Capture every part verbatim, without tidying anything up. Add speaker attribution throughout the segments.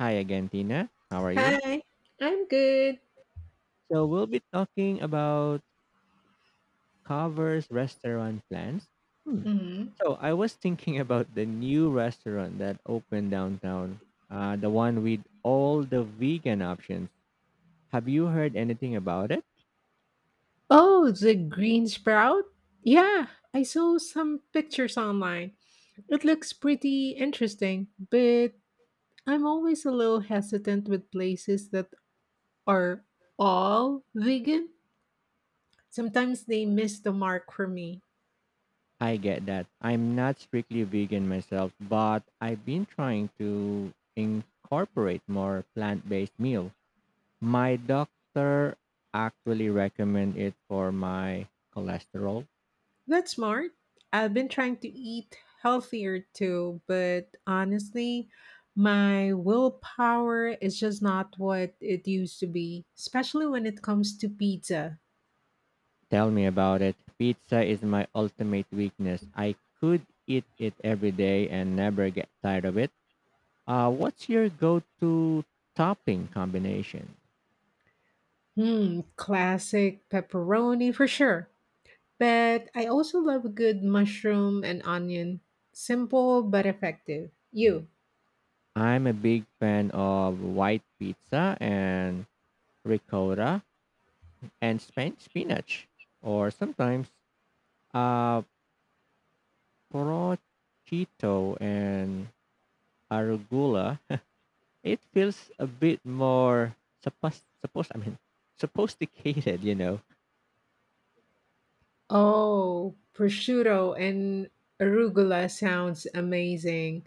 Speaker 1: Hi again, Tina. How are you?
Speaker 2: Hi. I'm good.
Speaker 1: So we'll be talking about covers restaurant plans. Hmm.
Speaker 2: hmm
Speaker 1: So I was thinking about the new restaurant that opened downtown, uh, the one with all the vegan options. Have you heard anything about it?
Speaker 2: Oh, the green sprout? Yeah, I saw some pictures online. It looks pretty interesting, but I'm always a little hesitant with places that are all vegan. Sometimes they miss the mark for me.
Speaker 1: I get that. I'm not strictly vegan myself, but I've been trying to incorporate more plant-based meal. My doctor actually recommended it for my cholesterol.
Speaker 2: That's smart. I've been trying to eat healthier too, but honestly, my willpower is just not what it used to be, especially when it comes to pizza.
Speaker 1: Tell me about it. Pizza is my ultimate weakness. I could eat it every day and never get tired of it. Uh, what's your go to topping combination?
Speaker 2: Hmm, classic pepperoni for sure. But I also love a good mushroom and onion. Simple but effective. You.
Speaker 1: I'm a big fan of white pizza and ricotta and span- spinach, or sometimes uh, prosciutto and arugula. It feels a bit more suppos supposed I mean, sophisticated, you know.
Speaker 2: Oh, prosciutto and arugula sounds amazing.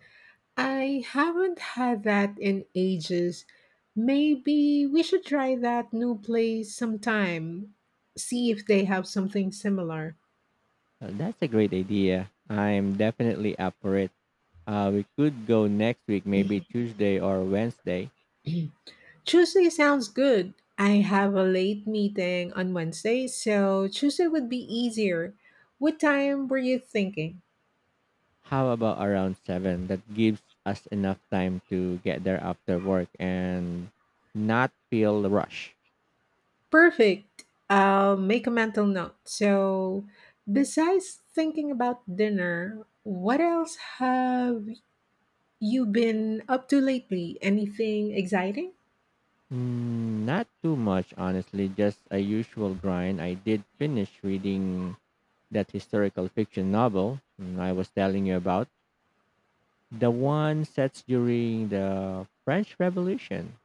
Speaker 2: I haven't had that in ages. Maybe we should try that new place sometime. See if they have something similar.
Speaker 1: Well, that's a great idea. I'm definitely up for it. Uh, we could go next week, maybe Tuesday or Wednesday.
Speaker 2: Tuesday sounds good. I have a late meeting on Wednesday, so Tuesday would be easier. What time were you thinking?
Speaker 1: How about around seven? That gives us enough time to get there after work and not feel the rush.
Speaker 2: Perfect. I'll make a mental note. So, besides thinking about dinner, what else have you been up to lately? Anything exciting?
Speaker 1: Mm, not too much, honestly, just a usual grind. I did finish reading that historical fiction novel mm, I was telling you about. The one set during the French Revolution.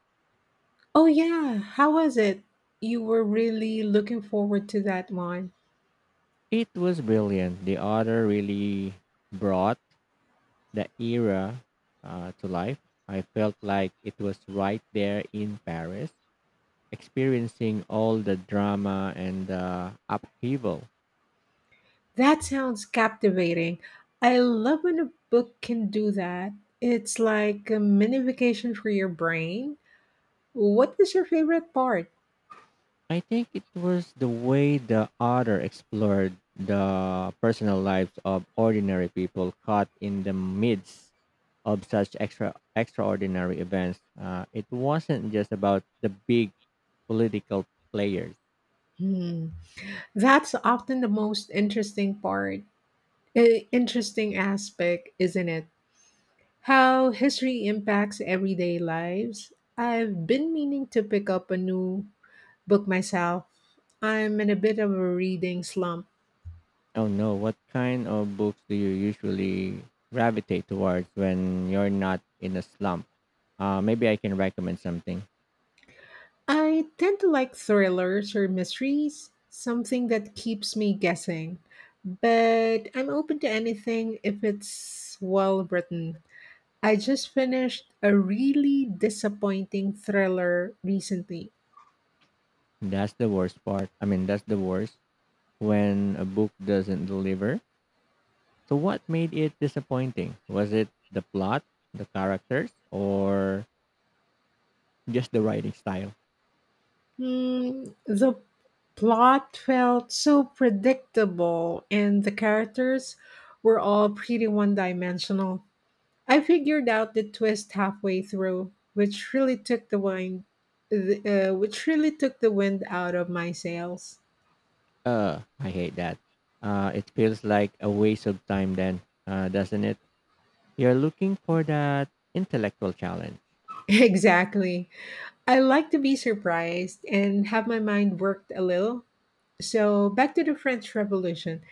Speaker 2: Oh, yeah. How was it? You were really looking forward to that one.
Speaker 1: It was brilliant. The author really brought the era uh, to life. I felt like it was right there in Paris, experiencing all the drama and the upheaval.
Speaker 2: That sounds captivating. I love when a book can do that. It's like a mini vacation for your brain. What was your favorite part?
Speaker 1: I think it was the way the author explored the personal lives of ordinary people caught in the midst of such extra extraordinary events. Uh, it wasn't just about the big political players.
Speaker 2: Hmm. That's often the most interesting part. A interesting aspect, isn't it? How history impacts everyday lives. I've been meaning to pick up a new book myself. I'm in a bit of a reading slump.
Speaker 1: Oh no, what kind of books do you usually gravitate towards when you're not in a slump? Uh, maybe I can recommend something.
Speaker 2: I tend to like thrillers or mysteries, something that keeps me guessing. But I'm open to anything if it's well written. I just finished a really disappointing thriller recently.
Speaker 1: That's the worst part. I mean, that's the worst when a book doesn't deliver. So, what made it disappointing? Was it the plot, the characters, or just the writing style?
Speaker 2: Mm, the plot felt so predictable, and the characters were all pretty one dimensional. I figured out the twist halfway through, which really took the wind, the, uh, which really took the wind out of my sails.
Speaker 1: Uh, I hate that. Uh, it feels like a waste of time then, uh, doesn't it? You're looking for that intellectual challenge.
Speaker 2: Exactly. I like to be surprised and have my mind worked a little. So, back to the French Revolution.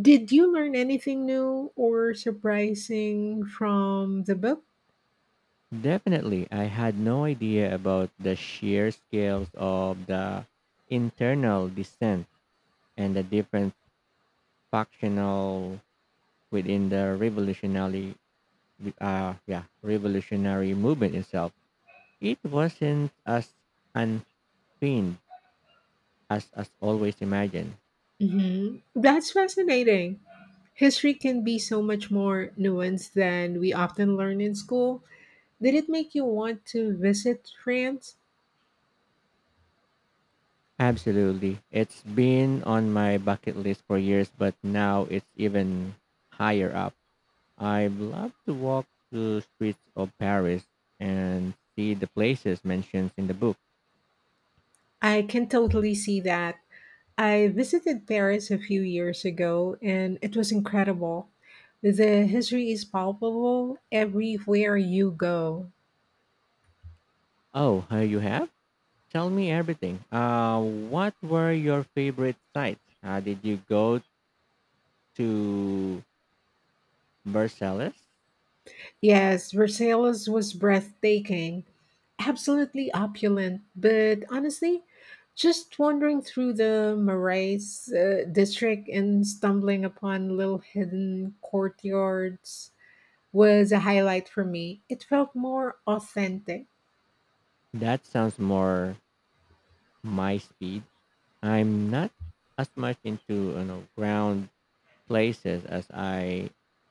Speaker 2: Did you learn anything new or surprising from the book?
Speaker 1: Definitely, I had no idea about the sheer scales of the internal dissent and the different factional within the revolutionary, uh, yeah, revolutionary movement itself. It wasn't as Spain, as as always imagined.
Speaker 2: Mhm. That's fascinating. History can be so much more nuanced than we often learn in school. Did it make you want to visit France?
Speaker 1: Absolutely. It's been on my bucket list for years, but now it's even higher up. I'd love to walk the streets of Paris and see the places mentioned in the book.
Speaker 2: I can totally see that. I visited Paris a few years ago and it was incredible. The history is palpable everywhere you go.
Speaker 1: Oh, uh, you have? Tell me everything. Uh, what were your favorite sites? Uh, did you go to Versailles?
Speaker 2: Yes, Versailles was breathtaking, absolutely opulent, but honestly, just wandering through the Marais uh, district and stumbling upon little hidden courtyards was a highlight for me. It felt more authentic.
Speaker 1: That sounds more my speed. I'm not as much into you know ground places as I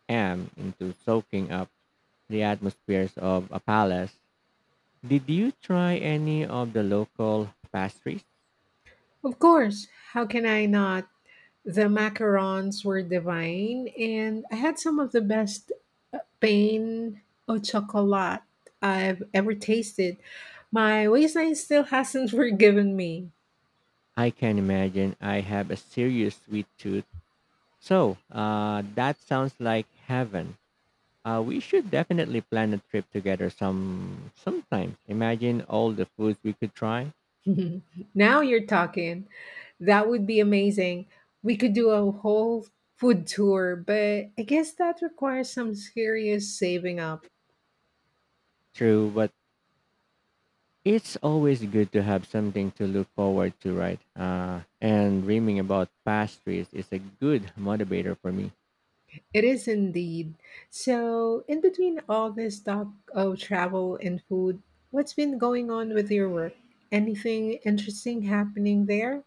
Speaker 1: am into soaking up the atmospheres of a palace. Did you try any of the local pastries?
Speaker 2: Of course, how can I not? The macarons were divine, and I had some of the best uh, pain au chocolat I've ever tasted. My waistline still hasn't forgiven me.
Speaker 1: I can imagine I have a serious sweet tooth. So, uh, that sounds like heaven. Uh, we should definitely plan a trip together some sometime. Imagine all the foods we could try.
Speaker 2: Now you're talking. That would be amazing. We could do a whole food tour, but I guess that requires some serious saving up.
Speaker 1: True, but it's always good to have something to look forward to, right? Uh, and dreaming about past trees is a good motivator for me.
Speaker 2: It is indeed. So, in between all this talk of travel and food, what's been going on with your work? Anything interesting happening there?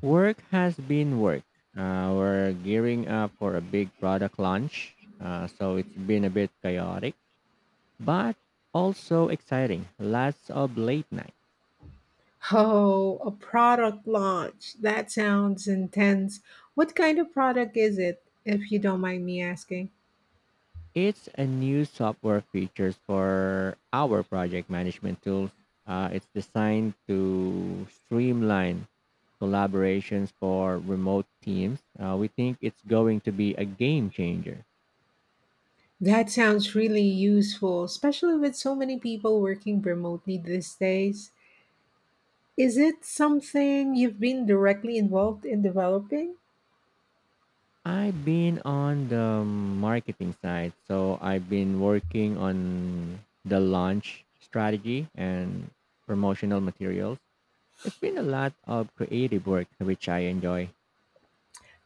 Speaker 1: Work has been work. Uh, we're gearing up for a big product launch, uh, so it's been a bit chaotic, but also exciting. Lots of late nights.
Speaker 2: Oh, a product launch. That sounds intense. What kind of product is it, if you don't mind me asking?
Speaker 1: It's a new software features for our project management tools. Uh, it's designed to streamline collaborations for remote teams. Uh, we think it's going to be a game changer.
Speaker 2: That sounds really useful, especially with so many people working remotely these days. Is it something you've been directly involved in developing?
Speaker 1: I've been on the marketing side, so I've been working on the launch strategy and promotional materials. It's been a lot of creative work, which I enjoy.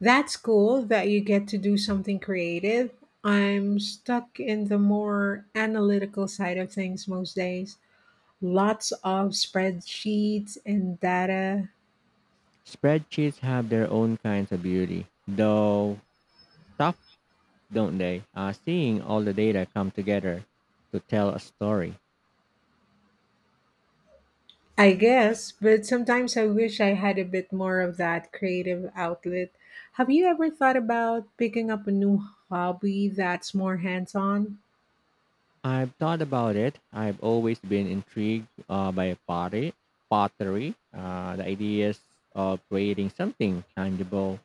Speaker 2: That's cool that you get to do something creative. I'm stuck in the more analytical side of things most days. Lots of spreadsheets and data.
Speaker 1: Spreadsheets have their own kinds of beauty, though tough, don't they? Uh, seeing all the data come together to tell a story.
Speaker 2: I guess, but sometimes I wish I had a bit more of that creative outlet. Have you ever thought about picking up a new hobby that's more hands on?
Speaker 1: I've thought about it. I've always been intrigued uh, by pottery, pottery. Uh, the ideas of creating something tangible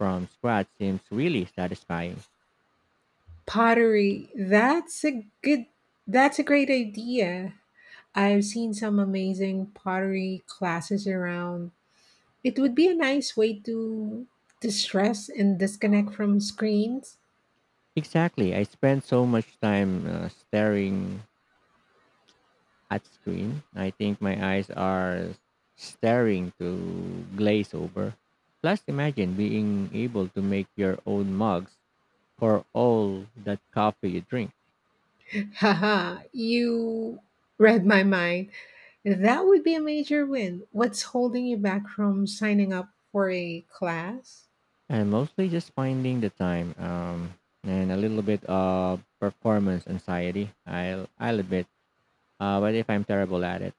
Speaker 1: from scratch seems really satisfying.
Speaker 2: Pottery. That's a good that's a great idea. I've seen some amazing pottery classes around. It would be a nice way to to stress and disconnect from screens.
Speaker 1: Exactly. I spend so much time uh, staring at screen. I think my eyes are staring to glaze over. Plus, imagine being able to make your own mugs for all that coffee you drink.
Speaker 2: Haha, you read my mind. That would be a major win. What's holding you back from signing up for a class?
Speaker 1: And mostly just finding the time um, and a little bit of performance anxiety. I'll, I'll admit. Uh, but if I'm terrible at it,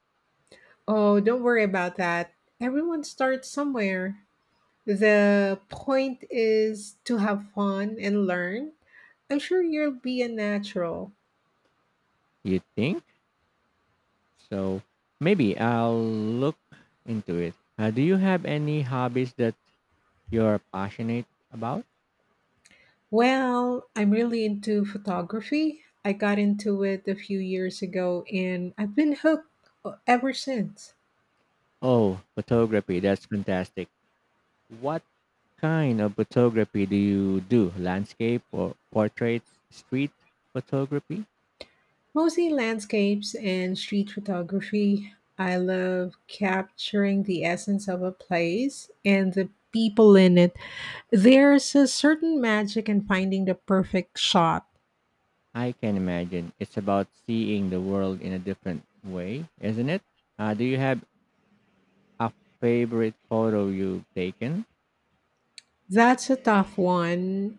Speaker 2: Oh, don't worry about that. Everyone starts somewhere. The point is to have fun and learn. I'm sure you'll be a natural.
Speaker 1: you think? So maybe I'll look into it. Uh, do you have any hobbies that you're passionate about?
Speaker 2: Well, I'm really into photography. I got into it a few years ago and I've been hooked uh, ever since.
Speaker 1: Oh, photography. That's fantastic. What kind of photography do you do? Landscape or portraits, street photography?
Speaker 2: Mostly landscapes and street photography. I love capturing the essence of a place and the people in it. There's a certain magic in finding the perfect shot.
Speaker 1: I can imagine. It's about seeing the world in a different way, isn't it? Uh, do you have a favorite photo you've taken?
Speaker 2: That's a tough one.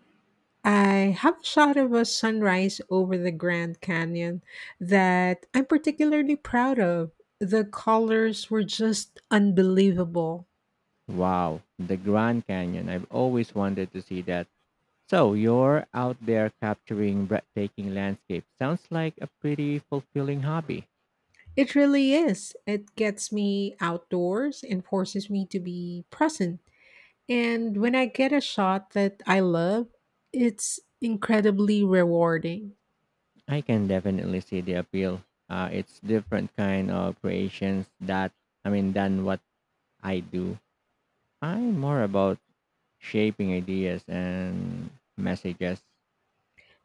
Speaker 2: I have a shot of a sunrise over the Grand Canyon that I'm particularly proud of. The colors were just unbelievable.
Speaker 1: Wow, the Grand Canyon. I've always wanted to see that. So you're out there capturing breathtaking landscapes. Sounds like a pretty fulfilling hobby.
Speaker 2: It really is. It gets me outdoors and forces me to be present. And when I get a shot that I love, it's incredibly rewarding.
Speaker 1: I can definitely see the appeal. Uh, it's different kind of creations that I mean than what I do. I'm more about shaping ideas and messages.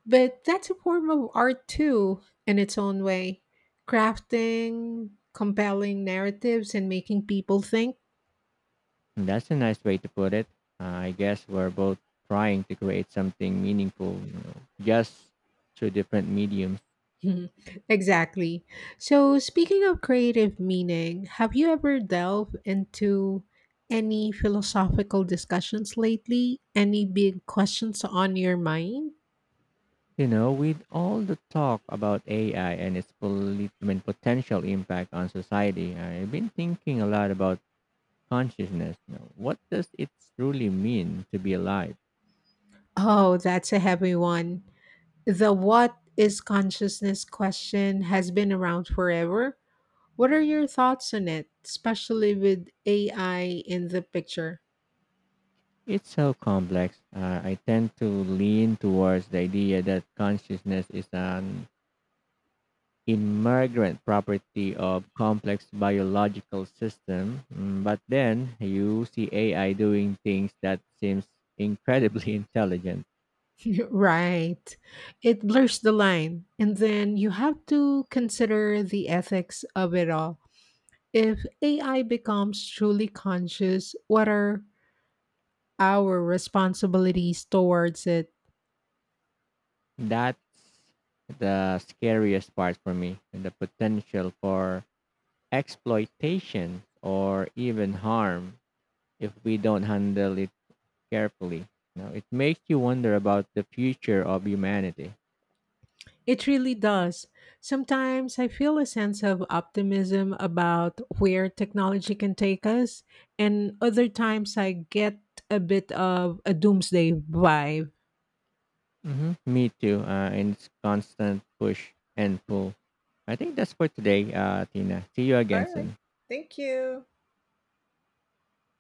Speaker 2: But that's a form of art too, in its own way, crafting compelling narratives and making people think.
Speaker 1: That's a nice way to put it. Uh, I guess we're both trying to create something meaningful, you know, just through different mediums.
Speaker 2: Mhm, exactly. So, speaking of creative meaning, have you ever delved into any philosophical discussions lately? Any big questions on your mind?
Speaker 1: You know, with all the talk about A I and its polit- I mean, potential impact on society, I've been thinking a lot about consciousness. Now, what does it truly mean to be alive?
Speaker 2: Oh, that's a heavy one. The what is consciousness question has been around forever. What are your thoughts on it, especially with A I in the picture?
Speaker 1: It's so complex. Uh, I tend to lean towards the idea that consciousness is an immigrant property of complex biological system. Mm, But then you see A I doing things that seems incredibly intelligent.
Speaker 2: Right. It blurs the line. And then you have to consider the ethics of it all. If A I becomes truly conscious, what are our responsibilities towards it?
Speaker 1: That's the scariest part for me, and the potential for exploitation or even harm if we don't handle it carefully. You know, it makes you wonder about the future of humanity.
Speaker 2: It really does. Sometimes I feel a sense of optimism about where technology can take us, and other times I get a bit of a doomsday vibe.
Speaker 1: Hmm, me too. Uh, and it's constant push and pull. I think that's for today, uh, Tina. See you again
Speaker 2: All right.
Speaker 1: soon.
Speaker 2: Thank you.